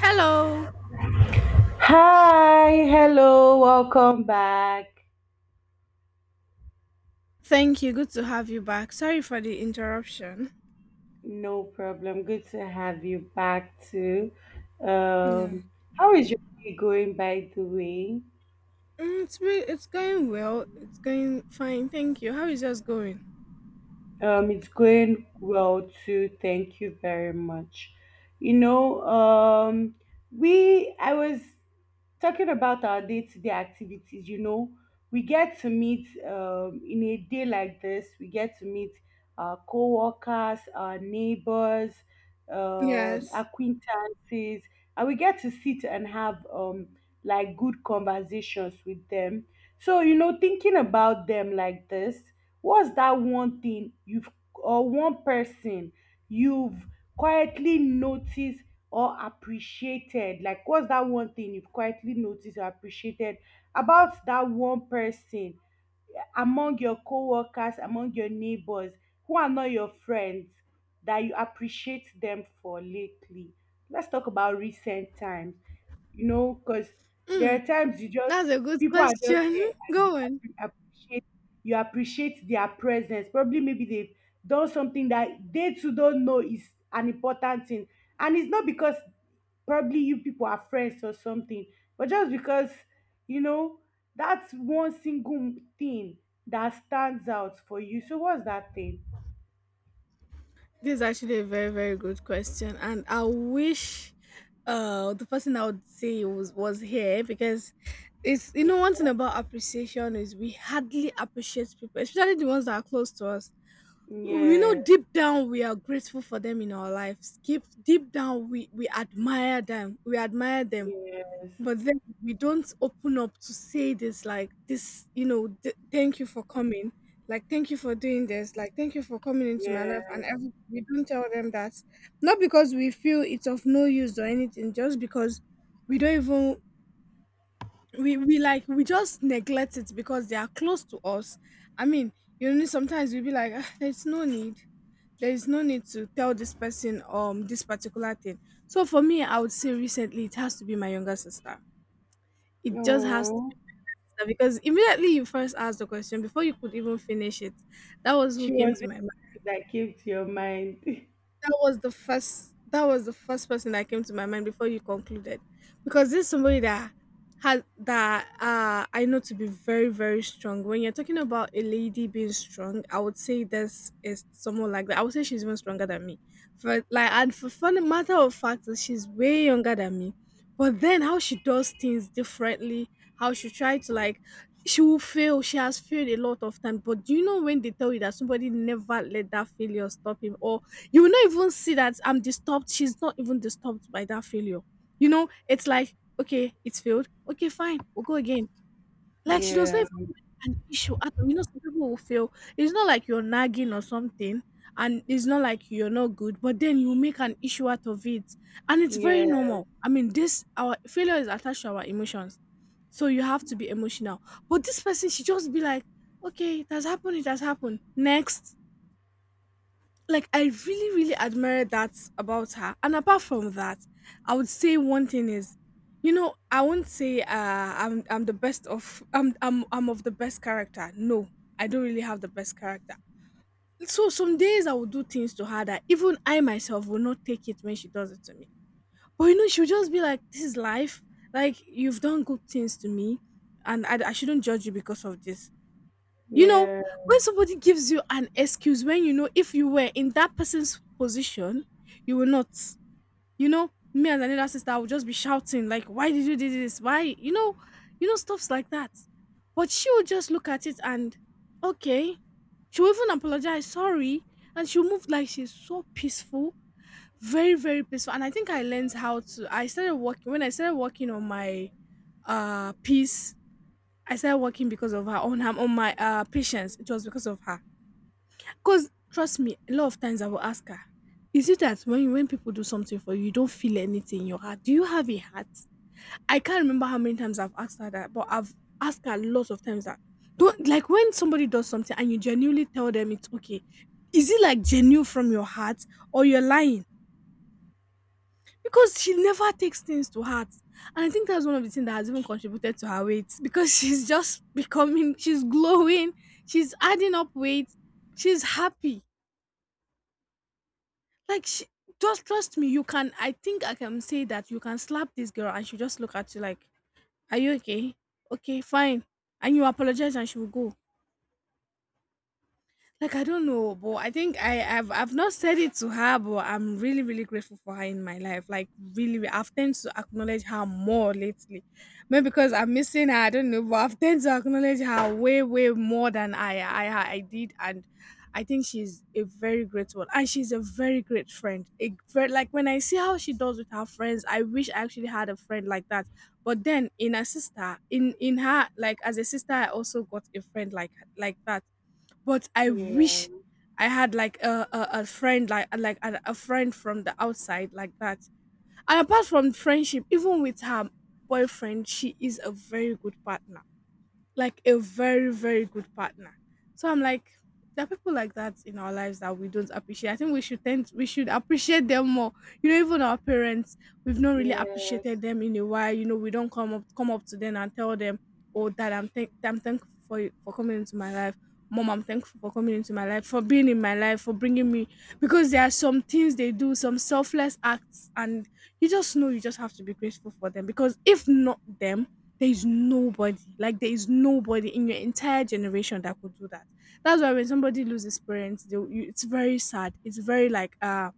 Hello. Hi, hello, welcome back. Thank you. Good to have you back. Sorry for the interruption. No problem. Good to have you back too. Yeah. Um, how is your day going, by the way? It's it's going well. It's going fine. Thank you. How is yours going? It's going well too. Thank you very much. You know, we I was talking about our day-to-day activities. You know, we get to meet in a day like this. We get to meet our co-workers, our neighbors, Yes. acquaintances, and we get to sit and have like good conversations with them. So, you know, thinking about them like this, what's that one thing you've or one person you've quietly noticed or appreciated? Like, what's that one thing you've quietly noticed or appreciated about that one person among your coworkers, among your neighbors who are not your friends, that you appreciate them for lately? Let's talk about recent times, you know, because there Mm, are times you just that's a good people are just question. there and you Go on. Appreciate you appreciate their presence. Probably maybe they've done something that they too don't know is an important thing, and it's not because probably you people are friends or something, but just because, you know, that's one single thing that stands out for you. So what's that thing? This is actually a very very good question, and I wish the person I would say was here because it's. One thing about appreciation is we hardly appreciate people, especially the ones that are close to us. We know Yeah, deep down we are grateful for them in our lives, keep deep down we admire them, we admire them, yes, but then we don't open up to say this like this, you know, thank you for coming, like thank you for doing this, like thank you for coming into my life, and yes. every we don't tell them that. Not because we feel it's of no use or anything, just because we don't even we like we just neglect it because they are close to us. I mean, you know, sometimes we'll be like, "Ah, there's no need, there is no need to tell this person this particular thing." So for me, I would say recently it has to be my younger sister. It just has to Oh, be sister because immediately you first asked the question, before you could even finish it, that was who she came was to my— that came to your mind. That was the first person that came to my mind before you concluded. Because this is somebody that has that I know to be very, very strong. When you're talking about a lady being strong, I would say this is someone like that. I would say she's even stronger than me. For like and for fun, the matter of fact is she's way younger than me. But then how she does things differently, how she try to like she will fail. She has failed a lot of times. But do you know when they tell you that somebody never let that failure stop him? Or you will not even see that I'm disturbed. She's not even disturbed by that failure. You know, it's like, okay, it's failed. Okay, fine, we'll go again. Like she does not Yeah, even make an issue at all. You know, some people will fail. It's not like you're nagging or something, and it's not like you're not good, but then you make an issue out of it. And it's very yeah, normal. I mean, this our failure is attached to our emotions. So you have to be emotional. But this person, she just be like, okay, it has happened, it has happened. Next, like I really, really admire that about her. And apart from that, I would say one thing is, you know, I won't say I'm the best of I'm of the best character. No, I don't really have the best character. So some days I will do things to her that even I myself will not take it when she does it to me. But you know, she'll just be like, "This is life. Like you've done good things to me, and I shouldn't judge you because of this." You know, yeah, when somebody gives you an excuse when you know if you were in that person's position, you will not. You know, me and another sister, I would just be shouting, like, why did you do this? Why? You know, stuffs like that. But she would just look at it and okay. She'll even apologize, sorry. And she'll move, like she's so peaceful. Very, very peaceful. And I think I learned how to— I started working when I started working on my piece— I started working because of her on her on my patience. It was because of her. Cause trust me, a lot of times I will ask her, is it that when people do something for you, you don't feel anything in your heart? Do you have a heart? I can't remember how many times I've asked her that, but I've asked her lots of times that don't, like when somebody does something and you genuinely tell them it's okay. Is it like genuine from your heart or you're lying? Because she never takes things to heart. And I think that's one of the things that has even contributed to her weight, because she's just becoming, she's glowing, she's adding up weight, she's happy. Like, she, just trust me, you can— I think I can say that you can slap this girl and she'll just look at you like, are you okay? Okay, fine. And you apologize and she will go. Like I don't know, but I think I've not said it to her, but I'm really really grateful for her in my life. Like really, I've tend to acknowledge her more lately, maybe because I'm missing her. I don't know, but I've tend to acknowledge her way way more than I did, and I think she's a very great one, and she's a very great friend. A very, like when I see how she does with her friends, I wish I actually had a friend like that. But then in her sister, in her, like as a sister, I also got a friend like that, but I yeah, wish I had like a friend like a friend from the outside like that. And apart from friendship, even with her boyfriend, she is a very good partner. Like a very, very good partner. So I'm like, there are people like that in our lives that we don't appreciate. I think we should appreciate them more. You know, even our parents, we've not really yes, appreciated them in a while. You know, we don't come up to them and tell them, "Oh, Dad, I'm thank I'm thankful for you for coming into my life. Mom, I'm thankful for coming into my life, for being in my life, for bringing me." Because there are some things they do, some selfless acts, and you just know you just have to be grateful for them. Because if not them, there is nobody. Like there is nobody in your entire generation that could do that. That's why when somebody loses parents, they, you, it's very sad. It's very like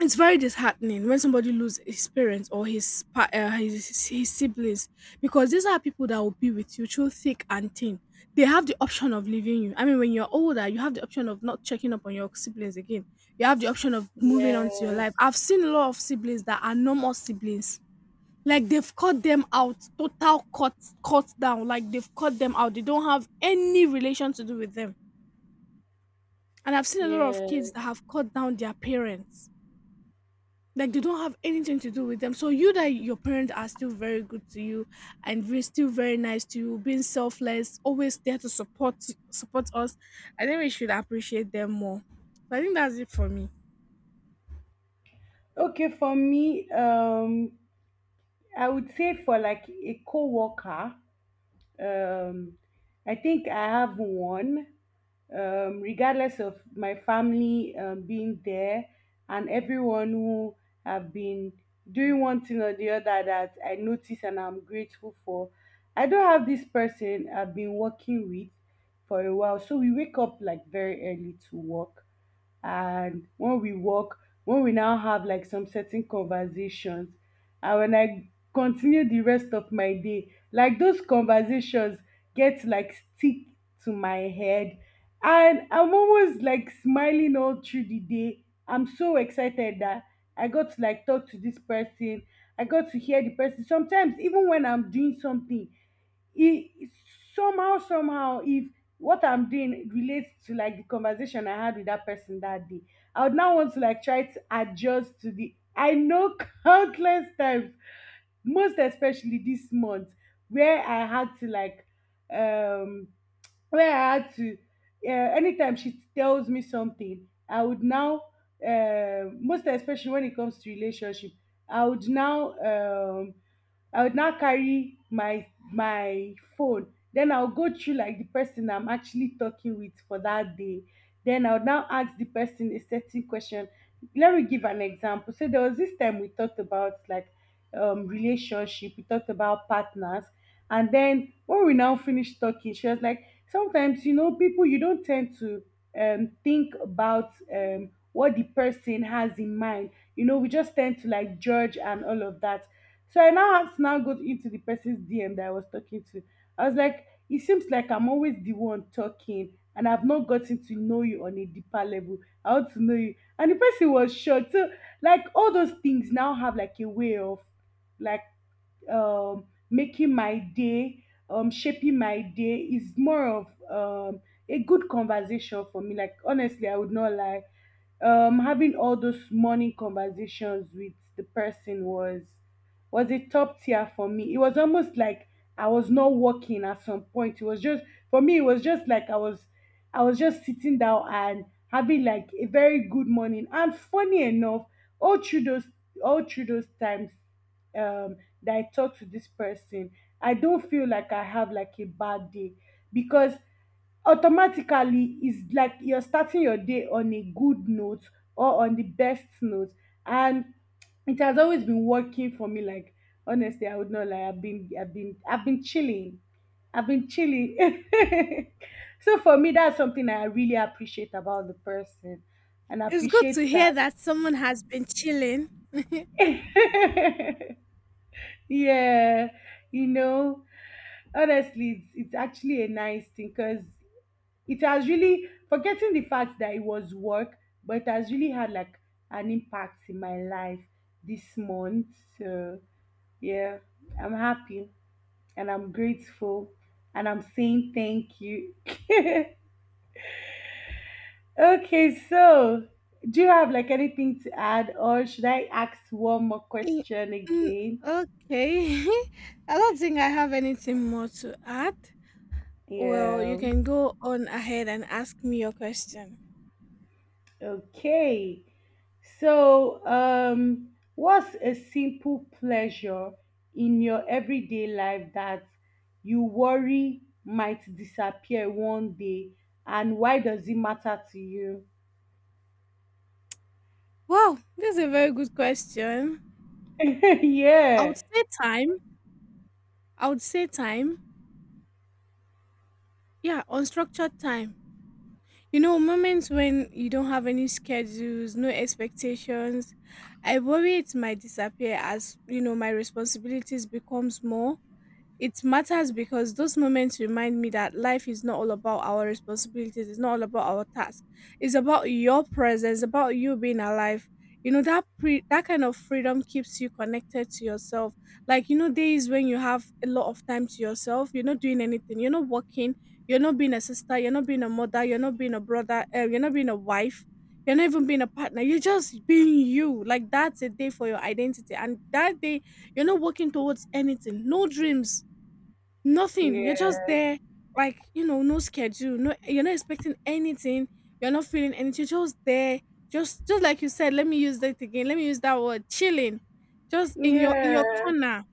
it's very disheartening when somebody loses his parents or his his siblings, because these are people that will be with you through thick and thin. They have the option of leaving you. I mean, when you're older you have the option of not checking up on your siblings again, you have the option of moving on to your yes, life. I've seen a lot of siblings that are no more siblings, like they've cut them out, total cut, cut down like they've cut them out, they don't have any relation to do with them. And I've seen a lot of kids yes. that have cut down their parents, like they don't have anything to do with them. So you that your parents are still very good to you and we're still very nice to you, being selfless, always there to support us. I think we should appreciate them more. So I think that's it for me. Okay, for me, I would say for like a coworker, Um, I think I have one, regardless of my family being there and everyone who have been doing one thing or the other that I notice and I'm grateful for. I don't have this person I've been working with for a while, so we wake up like very early to work, and when we walk, when we now have like some certain conversations, and when I continue the rest of my day, like those conversations get like stick to my head, and I'm always like smiling all through the day. I'm so excited that I got to like talk to this person, I got to hear the person. Sometimes even when I'm doing something, it somehow somehow if what I'm doing relates to like the conversation I had with that person that day, I would now want to like try to adjust to the I know countless times, most especially this month, where I had to like um where I had to, anytime she tells me something, I would now, most especially when it comes to relationship, I would now, um, I would now carry my phone. Then I'll go through like the person I'm actually talking with for that day. Then I'll now ask the person a certain question. Let me give an example. So there was this time we talked about like relationship, we talked about partners, and then when we now finished talking, she was like, sometimes you know people you don't tend to think about what the person has in mind. You know, we just tend to like judge and all of that. So I now have to now go into the person's DM that I was talking to. I was like, it seems like I'm always the one talking and I've not gotten to know you on a deeper level. I want to know you. And the person was shocked. So like all those things now have like a way of like making my day, shaping my day, is more of um, a good conversation for me. Like honestly, I would not lie. Having all those morning conversations with the person was a top tier for me. It was almost like I was not working at some point. It was just for me. It was just like I was just sitting down and having like a very good morning. And funny enough, all through those all through those times, um that I talk to this person, I don't feel like I have like a bad day, because automatically it's like you're starting your day on a good note or on the best note. And it has always been working for me. Like honestly, I would not lie. I've been I've been I've been chilling. I've been chilling. So for me, that's something I really appreciate about the person, and It's good appreciate to hear that. that someone has been chilling. Yeah, you know, honestly it's actually a nice thing because it has really forgetting the fact that it was work, but it has really had like an impact in my life this month. So yeah, I'm happy and I'm grateful, and I'm saying thank you. Okay, so do you have like anything to add, or should I ask one more question Mm, again? okay. I don't think I have anything more to add. Well, you Yeah, can go on ahead and ask me your question. okay. So, what's a simple pleasure in your everyday life that you worry might disappear one day, and why does it matter to you? Wow, this is a very good question. I would Yeah, say time, I would say time. Yeah, unstructured time. You know, moments when you don't have any schedules, no expectations. I worry it might disappear as, you know, my responsibilities becomes more. It matters because those moments remind me that life is not all about our responsibilities, it's not all about our tasks. It's about your presence, about you being alive. You know, that that kind of freedom keeps you connected to yourself. Like, you know, days when you have a lot of time to yourself, you're not doing anything, you're not working, you're not being a sister, you're not being a mother, you're not being a brother, you're not being a wife, you're not even being a partner, you're just being you. Like, that's a day for your identity. And that day, you're not working towards anything, no dreams, nothing. You're just yeah, there, like, you know, no schedule. No, you're not expecting anything. You're not feeling anything. You're just there. Just like you said, let me use that again. Let me use that word. Chilling. Just in your yeah. corner.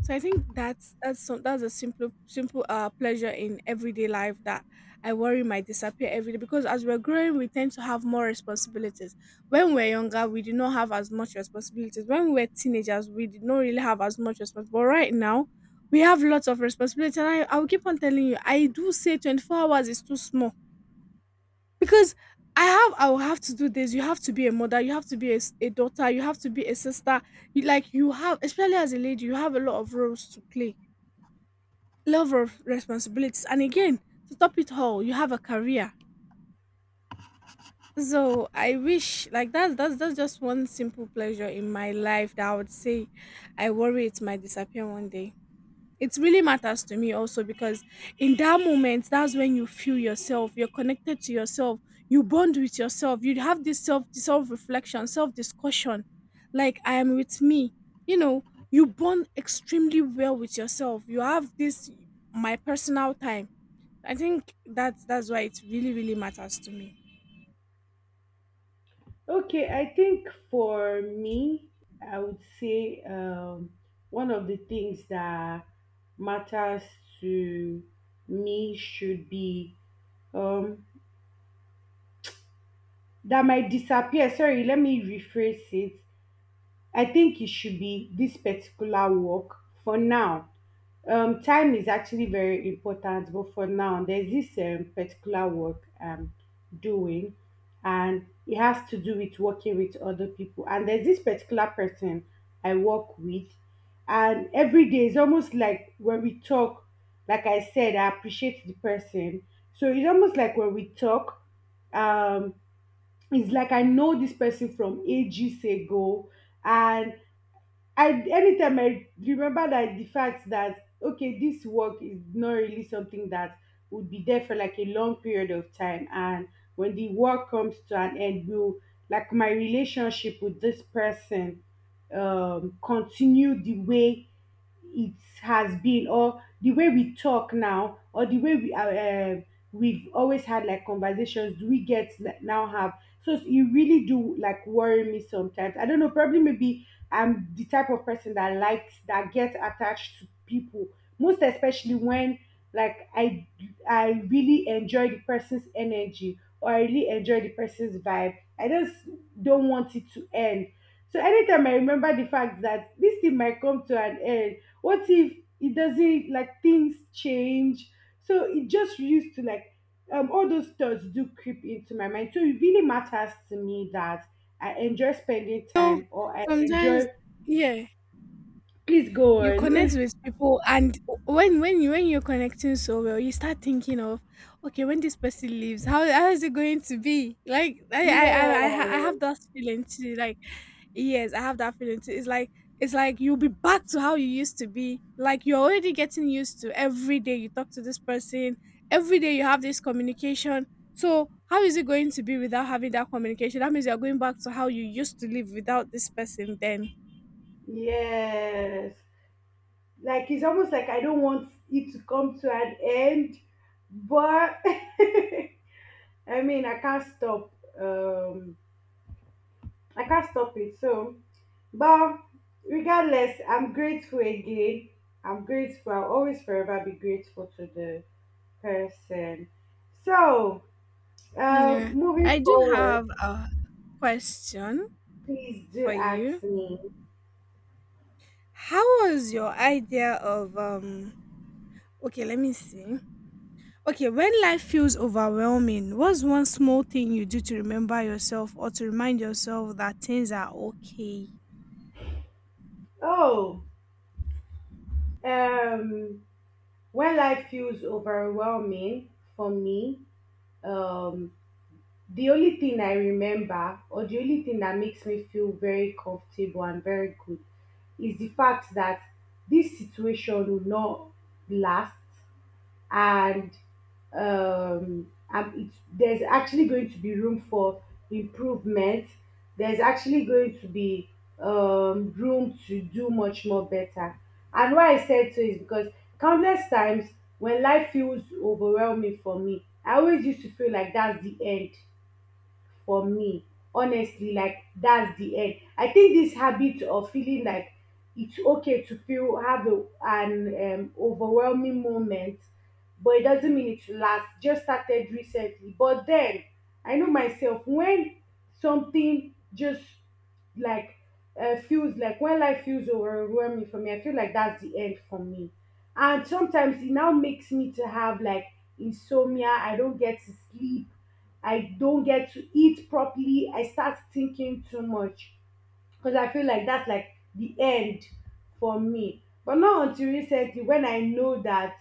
So I think that's that's a simple pleasure in everyday life that I worry might disappear every day because as we're growing we tend to have more responsibilities. When we're younger we did not have as much responsibilities. When we were teenagers we did not really have as much responsibility. But right now we have lots of responsibilities, and I will keep on telling you I do say 24 hours is too small because I will have to do this. You have to be a mother. You have to be a daughter. You have to be a sister. Like you have, especially as a lady, you have a lot of roles to play, love of responsibilities, and again, to top it all, you have a career. So I wish, like, that's just one simple pleasure in my life that I would say I worry it might disappear one day. It really matters to me also because in that moment, that's when you feel yourself, you're connected to yourself, you bond with yourself, you have this self reflection, self discussion, like I am with me, you know, you bond extremely well with yourself, you have this, my personal time. I think that's why it really really matters to me. Okay, I think for me, I would say one of the things that matters to me should be um, that might disappear. Sorry, let me rephrase it. I think it should be this particular work for now. Time is actually very important, but for now, there's this particular work I'm doing, and it has to do with working with other people. And there's this particular person I work with, and every day is almost like when we talk, like I said, I appreciate the person. So it's almost like when we talk, um it's like I know this person from ages ago, and I anytime I remember that the fact that, okay, this work is not really something that would be there for like a long period of time, and when the work comes to an end, will like my relationship with this person continue the way it has been, or the way we talk now, or the way we we've always had like conversations do we get like, now have. So you really do like worry me sometimes. I don't know, probably maybe I'm the type of person that likes that gets attached to people, most especially when like I really enjoy the person's energy, or I really enjoy the person's vibe. I just don't want it to end. So anytime I remember the fact that this thing might come to an end, what if it doesn't like things change, so it just used to like all those thoughts do creep into my mind. So it really matters to me that I enjoy spending You know, time or I sometimes, enjoy yeah, please go you on connect with people, and when you're connecting so well, you start thinking of, okay, when this person leaves, how is it going to be? Like i i yeah, i, I ha- I have that feeling too, like yes, I have that feeling too. It's like, it's like you'll be back to how you used to be, like you're already getting used to, every day you talk to this person, every day you have this communication. So how is it going to be without having that communication? That means you're going back to how you used to live without this person then. yes, like it's almost like I don't want it to come to an end, but I mean I can't stop um I can't stop it, so. But regardless, I'm grateful again. I'm grateful. I'll always forever be grateful to the person. So, Yeah, moving I do forward, have a question please do for you. ask me. How was your idea of okay, let me see. Okay, when life feels overwhelming, what's one small thing you do to remember yourself or to remind yourself that things are okay? Oh, um, when life feels overwhelming for me, um, the only thing I remember, or the only thing that makes me feel very comfortable and very good, is the fact that this situation will not last, and and it's, there's actually going to be room for improvement. There's actually going to be room to do much more better. And why I said so is because countless times when life feels overwhelming for me, I always used to feel like that's the end for me. Honestly, like that's the end. I think this habit of feeling like it's okay to feel have a, an overwhelming moment, but it doesn't mean it lasts. Just started recently, but then I know myself when something just like feels like when life feels overwhelming for me, I feel like that's the end for me. And sometimes it now makes me to have like insomnia. I don't get to sleep. I don't get to eat properly. I start thinking too much, because I feel like that's like the end for me. But not until recently when I know that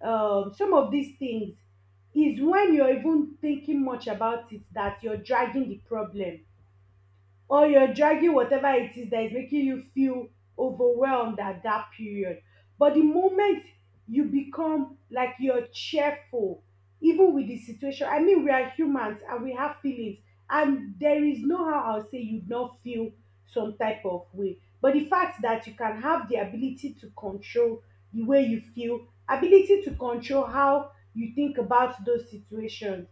some of these things is when you're even thinking much about it that you're dragging the problem, or you're dragging whatever it is that is making you feel overwhelmed at that period. But the moment you become like you're cheerful, even with the situation, I mean, we are humans and we have feelings, and there is no how I'll say you'd not feel some type of way. But the fact that you can have the ability to control the way you feel, ability to control how you think about those situations.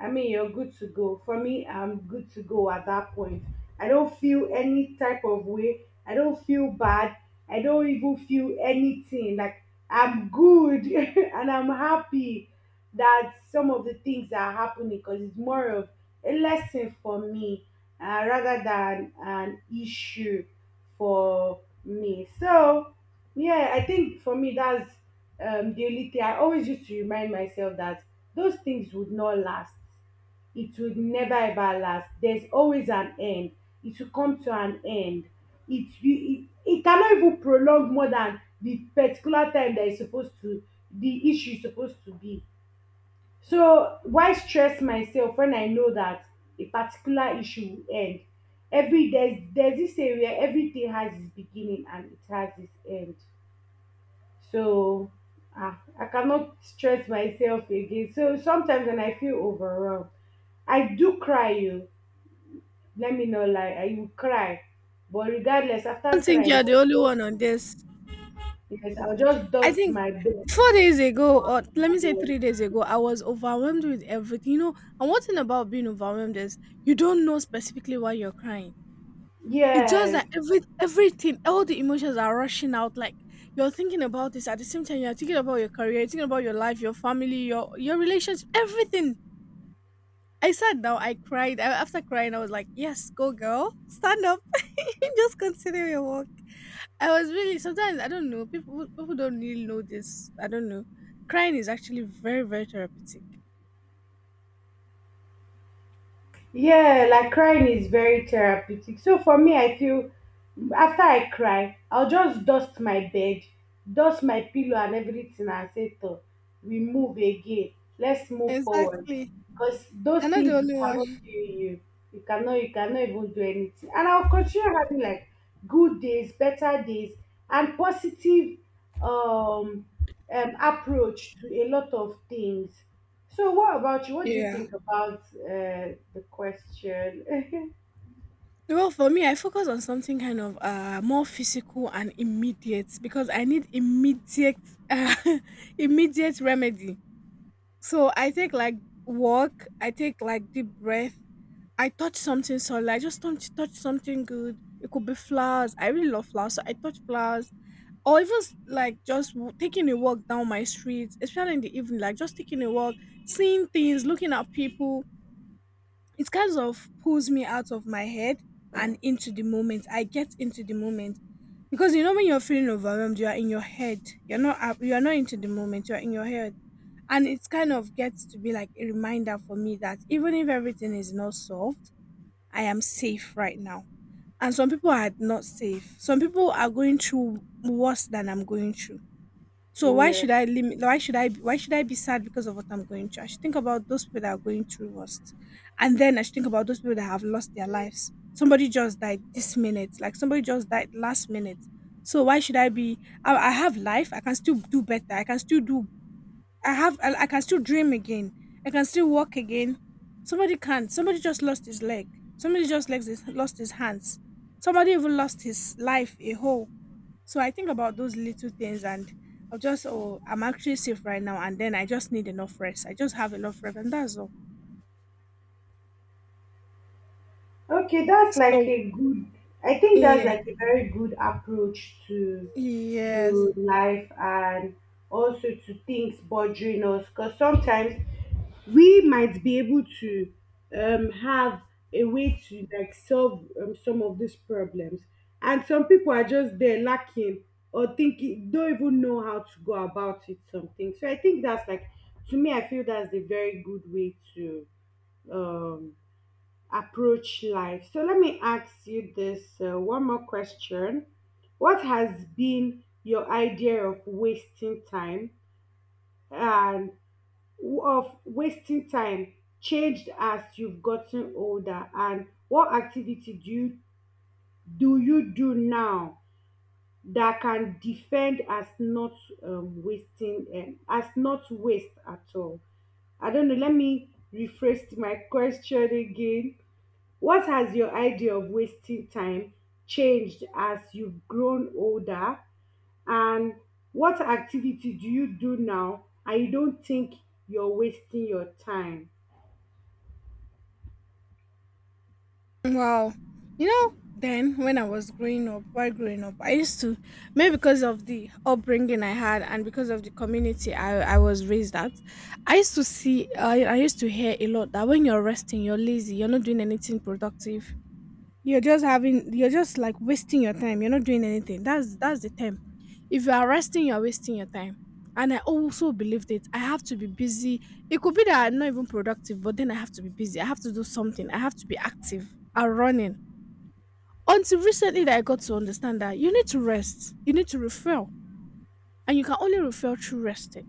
I mean, you're good to go. For me, I'm good to go at that point. I don't feel any type of way. I don't feel bad. I don't even feel anything. Like I'm good and I'm happy that some of the things are happening because it's more of a lesson for me, rather than an issue for me. So, yeah, I think for me, that's the only thing I always used to remind myself that those things would not last, it will never ever last. There's always an end. It will come to an end. It cannot even prolong more than the particular time that is supposed to, the issue is supposed to be. So why stress myself when I know that a particular issue will end? Every there's this area, everything has its beginning and it has its end. So I cannot stress myself again. So sometimes when I feel overwhelmed, I do cry you. Let me not lie, I will cry. But regardless, I after don't think crying, you're the only one just, on this. yes, I'll just I dust think my bed. 4 days ago, or let me say 3 days ago, I was overwhelmed with everything. You know, and one thing about being overwhelmed is you don't know specifically why you're crying. It's just that Yes. Everything, all the emotions are rushing out. Like you're thinking about this at the same time, you're thinking about your career, you're thinking about your life, your family, your relationship, everything. I sat down, I cried. After crying, I was like, "Yes, go girl, stand up, just continue your work." I was really, sometimes I don't know, people don't really know this. I don't know. Crying is actually very therapeutic. Yeah, like crying is very therapeutic. So for me, I feel after I cry, I'll just dust my bed, dust my pillow and everything and say, "Toh, we move again. Let's move forward. Exactly, Because those you're not the things you only cannot one. kill you. You cannot even do anything. And I'll continue having like good days, better days, and positive um, approach to a lot of things. So, what about you? What do you Yeah. think about the question? Well, for me, I focus on something kind of more physical and immediate because I need immediate uh, immediate remedy. So I take like walk, I take like deep breath, I touch something solid, I just touch something good. It could be flowers. I really love flowers, so I touch flowers. Or even like just taking a walk down my streets, especially in the evening, like just taking a walk, seeing things, looking at people. It kind of pulls me out of my head and into the moment. I get into the moment because you know when you're feeling overwhelmed, you are in your head. You are not into the moment. You are in your head, and it kind of gets to be like a reminder for me that even if everything is not solved, I am safe right now. And some people are not safe. Some people are going through worse than I'm going through. So why Yeah. should I limit? Why should I be sad because of what I'm going through? I should think about those people that are going through worst, and then I should think about those people that have lost their lives. Somebody just died this minute, like somebody just died last minute. So why should I be? I have life. I can still do better. I can still do. I have. I can still dream again. I can still walk again. Somebody can't. Somebody just lost his leg. Somebody just lost his hands. Somebody even lost his life. A whole. So I think about those little things, and I'll just, oh, I'm actually safe right now. And then I just need enough rest. I just have enough rest and that's all. Okay, that's like So, a good. I think that's yeah, like a very good approach to yes. to life and also to things bothering us. Because sometimes we might be able to have a way to like solve some of these problems, and some people are just there lacking or thinking, don't even know how to go about it. Something. So I think that's like, to me, I feel that's a very good way to. Um, Approach life. So let me ask you this one more question. What has been your idea of wasting time and of wasting time changed as you've gotten older, and what activity do you do now that can defend as not wasting, as not waste at all? I don't know. Let me rephrase my question again. What has your idea of wasting time changed as you've grown older? And what activity do you do now and you don't think you're wasting your time? Wow. You know, then when I was growing up, while growing up, I used to, maybe because of the upbringing I had, and because of the community I was raised at, I used to see, I used to hear a lot that when you're resting, you're lazy, you're not doing anything productive. You're just having, you're just like wasting your time, you're not doing anything. That's the time, if you're resting, you're wasting your time. And I also believed it. I have to be busy. It could be that I'm not even productive, but then I have to be busy. I have to do something. I have to be active and running until recently, that I got to understand that you need to rest, you need to refill, and you can only refill through resting.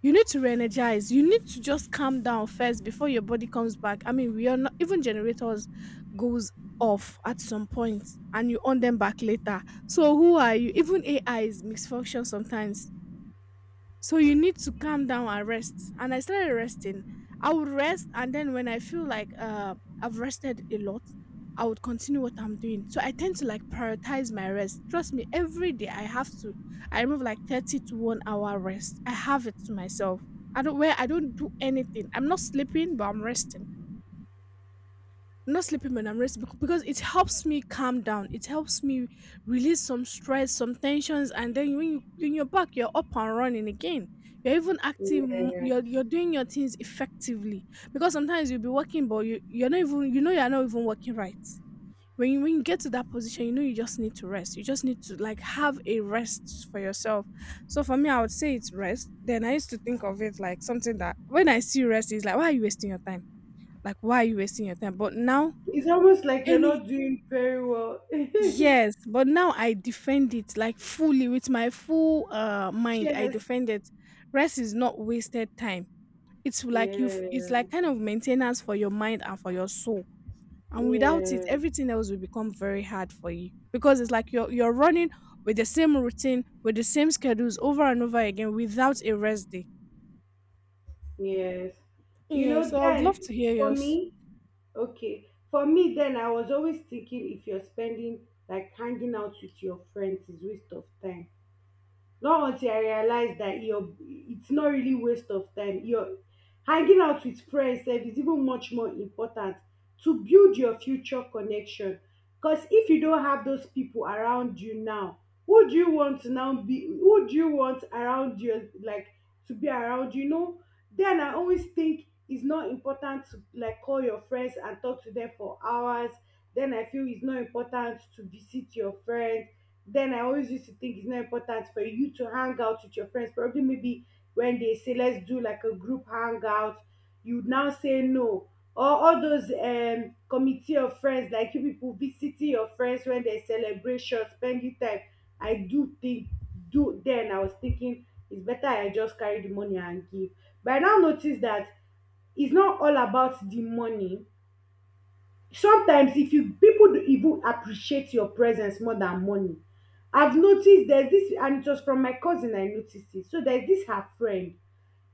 You need to re-energize. You need to just calm down first before your body comes back. I mean, we are not even generators. Goes off at some point, and you on them back later. So who are you? Even AI is misfunction sometimes. So you need to calm down and rest. And I started resting. I would rest, and then when I feel like I've rested a lot, I would continue what I'm doing. So I tend to like prioritize my rest. Trust me, every day I have to. I remove like 30 to 1 hour rest. I have it to myself. I don't do anything. I'm not sleeping, but I'm resting, not sleeping when I'm resting because it helps me calm down. It helps me release some stress, some tensions, and then when you're back, you're up and running again. You're even active. Yeah. You're doing your things effectively because sometimes you'll be working, but you're not even, you know, you're not even working right. When you get to that position, you know you just need to rest. You just need to like have a rest for yourself. So for me, I would say it's rest. Then I used to think of it like something that when I see rest, it's like, why are you wasting your time? Like why are you wasting your time? But now It's almost like you're any not doing very well. yes, but now I defend it like fully with my full mind. I Cheers. defend it. Rest is not wasted time. It's like you. It's Yeah. like kind of maintenance for your mind and for your soul. And without it, Yeah. everything else will become very hard for you because it's like you're running with the same routine, with the same schedules over and over again without a rest day. Yes. You Yeah. know, So I would love then to hear for yours. me, okay. For me, then I was always thinking if you're spending like hanging out with your friends is waste of time. Not until I realized that your, it's not really waste of time, your hanging out with friends sef is even much more important to build your future connection. Because if you don't have those people around you now, who do you want to now be, who do you want around you like to be around, you know? Then I always think it's not important to like call your friends and talk to them for hours. Then I feel it's not important to visit your friends. Then I always used to think it's not important for you to hang out with your friends. Probably maybe when they say let's do like a group hangout, you would now say no. Or all those committee of friends, like you people visiting your friends when they celebration, spending time. I do think do then I was thinking it's better I just carry the money and give. But I now notice that it's not all about the money, sometimes if you people do even appreciate your presence more than money. I've noticed, there's this, and it was from my cousin I noticed it. So there's this her friend,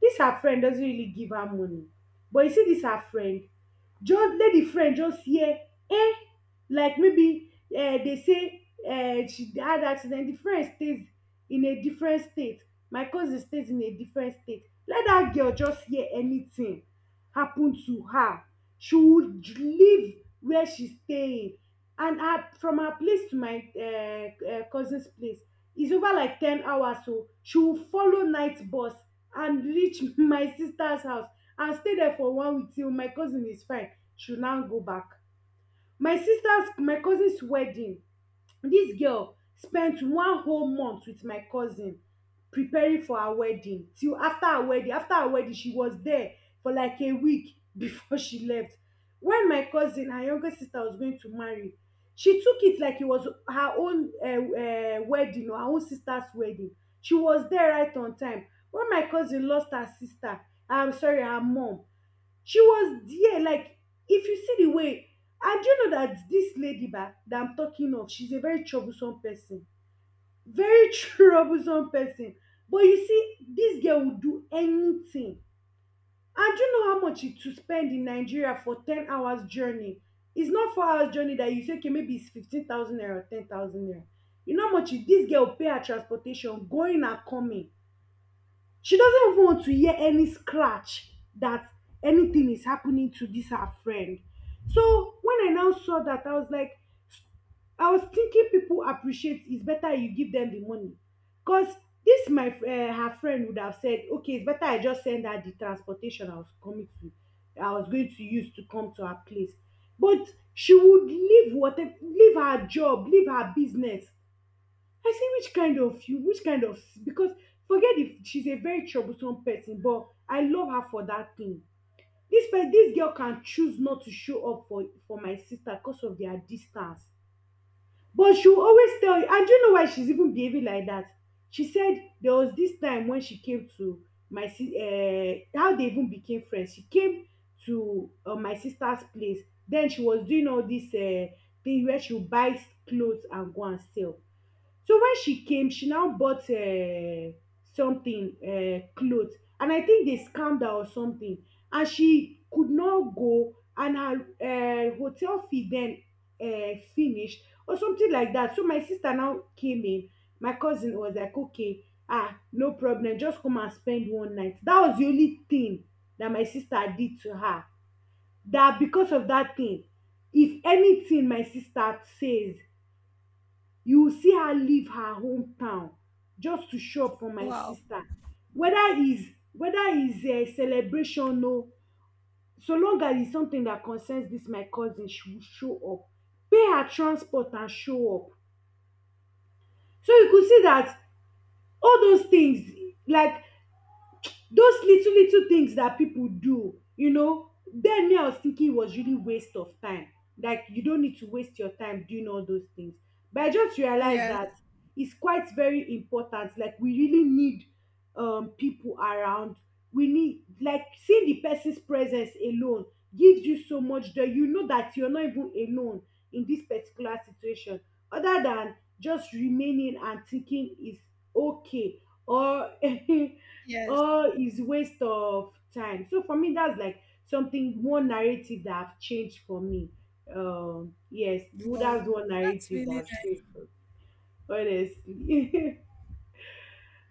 dis her friend doesn't really give her money. But you see dis her friend, just lady friend, just hear eh, like maybe dey say she had accident, the friend stays in a different state, my cousin stays in a different state, let dat girl just hear anything happen to her, she would leave where she staying, and her from her place to my cousin's place is over like 10 hours oo, she will follow night bus and reach my sister's house and stay there for 1 week till my cousin is fine, she will now go back. My cousin's wedding, dis girl spend one whole month with my cousin preparing for her wedding till after her wedding. After her wedding she was there for like a week before she left. When my cousin her younger sister was going to marry, she took it like it was her own wedding or her own sister's wedding. She was there right on time. When my cousin lost her sister, I'm sorry, her mom, she was there like, if you see the way. And you know that this lady ba that I'm talking of, she's a very troublesome person, very troublesome person. But you see this girl will do anything. And do you know how much it to spend in Nigeria for 10 hours journey? It's not 4 hours journey that you say okay maybe it's 15,000 naira or 10,000 naira. You know how much this girl pay her transportation going and coming. She doesn't even want to hear any scratch that anything is happening to this her friend. So when I now saw that, I was like, I was thinking people appreciate, it's better you give them the money. Because this my fr- eh, her friend would have said, okay, it's better I just send her the transportation I was going to use to come to her place. But she would leave whatever, leave her job, leave her business. I say which kind of you, which kind of, because forget if she's a very troublesome person, but I love her for that thing. This girl can choose not to show up for my sister because of their distance, but she will always tell you. And do you know why she's even behaving like that? She said there was this time when she came to how they even became friends. She came to my sister's place. Then she was doing all this thing where she would buy clothes and go and sell. So when she came, she now bought something, cloth, and I think they scammed her or something, and she could not go and her hotel fee then finished or something like that. So my sister now came in, my cousin was like okay, no problem, just come and spend one night. That was the only thing that my sister did to her. Dat because of dat thing, if anything my sister says, you will see her leave her hometown just to show up for my Wow. sister. Whether is celebration oo, so long as it's something that concerns this my cousin, she will show up, pay her transport and show up. So you could see that all those things, like, those little little things that people do, you know, then me I was thinking it was really waste of time, like you don't need to waste your time doing all those things. But I just realized Yes. that it's quite very important, like we really need people around, we need like, seeing the person's presence alone gives you so much joy, you know, that you're not even alone in this particular situation, other than just remaining and thinking is okay or Yes. oh is waste of time. So for me that's like something, one narrative that have changed for me yes well, Wow. that's one That's narrative that really have changed for me honestly.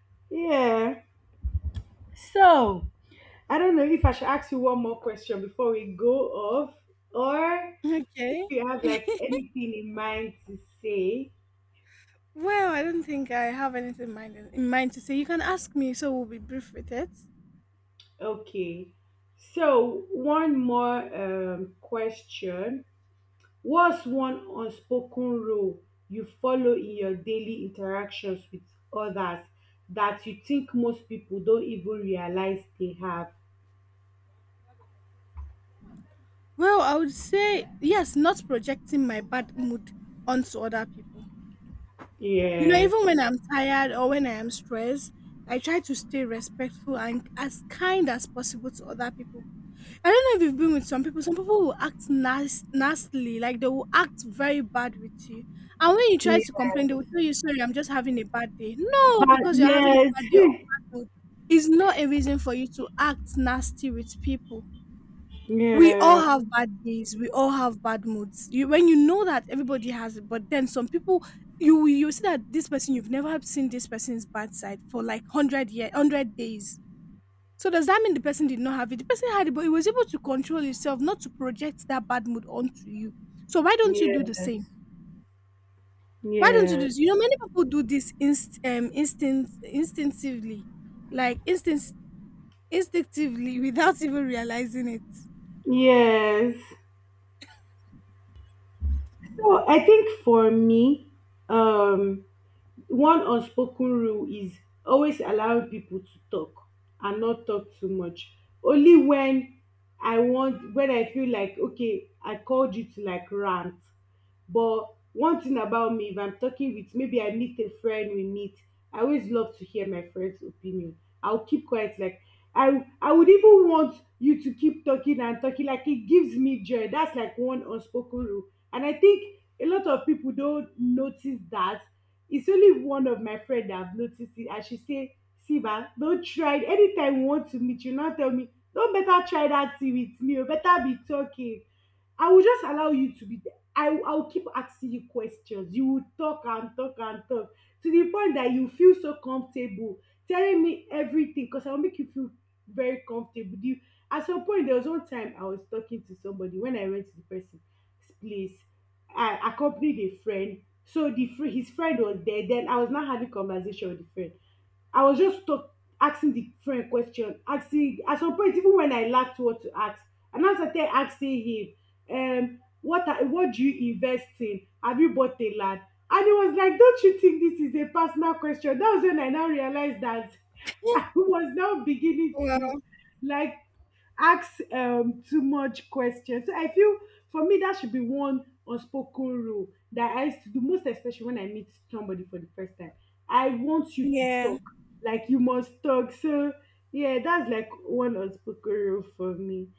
Yeah. So I don't know if I should ask you one more question before we go off, or nice. if Okay. you have like anything in mind to say. Well, I don't think I have anything in mind, to say. You can ask me, so we'll be brief with it. Okay, so one more question. What's one unspoken rule you follow in your daily interactions with others that you think most people don't even realize they have? Well, I would say yes, not projecting my bad mood onto other people. You know, Yes. even when I'm tired or when I am stressed, I try to stay respectful and as kind as possible to other people. I don't know if you've been with some people. Some people will act nastily, like they will act very bad with you. And when you try to Yeah. complain, they will tell you, "Sorry, I'm just having a bad day." No, But because you're having a yes. bad day or bad mood is not a reason for you to act nasty with people. We all Yeah. have bad days. We all have bad moods. You, when you know that everybody has it, but then some people, you see that this person, you've never seen this person's bad side for like 100 year, 100 days. So does that mean the person did not have it? The person had it, but he was able to control himself not to project that bad mood onto you. So why don't you do the Yes. same? Why don't you do Yes. this? You know, many people do this instinctively, like instinct instinctively without even realizing it. Yes. So I think for me, um, one unspoken rule is always allow people to talk and not talk too much, only when I want, when I feel like okay I called you to like rant. But one thing about me, if I'm talking with, maybe I meet a friend, we meet, I always love to hear my friend's opinion, I'll keep quiet like, I would even want you to keep talking and talking, like it gives me joy. That's like one unspoken rule, and I think a lot of people don't notice that. It's only one of my friend that have noticed it, and she say, see, don't try it. Anytime you want to meet, you now tell me, don't better try that thing with me oo, better be talking. I will just allow you to be there. I will keep asking you questions. You will talk and talk and talk to the point that you feel so comfortable telling me everything because I will make you feel very comfortable. Do you, at some point, there was one time I was talking to somebody when I went to the person's place. I accompanied a friend. So his friend was there. Then I was not having conversation with the friend. I was just talk, asking the friend question, asking at some point even when I lacked what to ask, and I started asking him, what do you invest in, have you bought a land? And he was like, don't you think this is a personal question? That was when I now realized that I was now beginning Well, to like ask too much questions. So I feel for me that should be one unspoken rule that I used to do, most especially when I meet somebody for the first time, I want you to yeah. talk, like you must talk. So yeah, that's like one unspoken rule for me.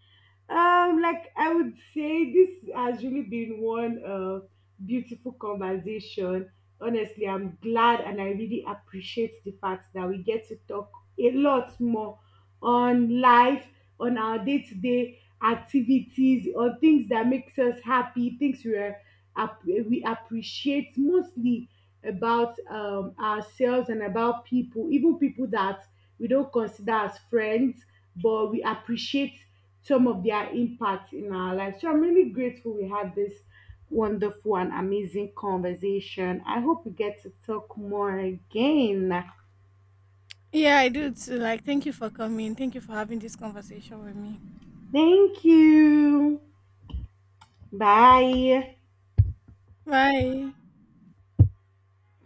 Like I would say, this has really been one beautiful conversation. Honestly, I'm glad and I really appreciate the fact that we get to talk a lot more on life, on our day to day activities, on things that makes us happy, things we appreciate mostly about ourselves and about people, even people that we don't consider as friends but we appreciate some of their impact in our life. So I'm really grateful we had this wonderful and amazing conversation. I hope we get to talk more again. Yeah, I do too. Like, thank you for coming. Thank you for having this conversation with me. Thank you. Bye. Bye.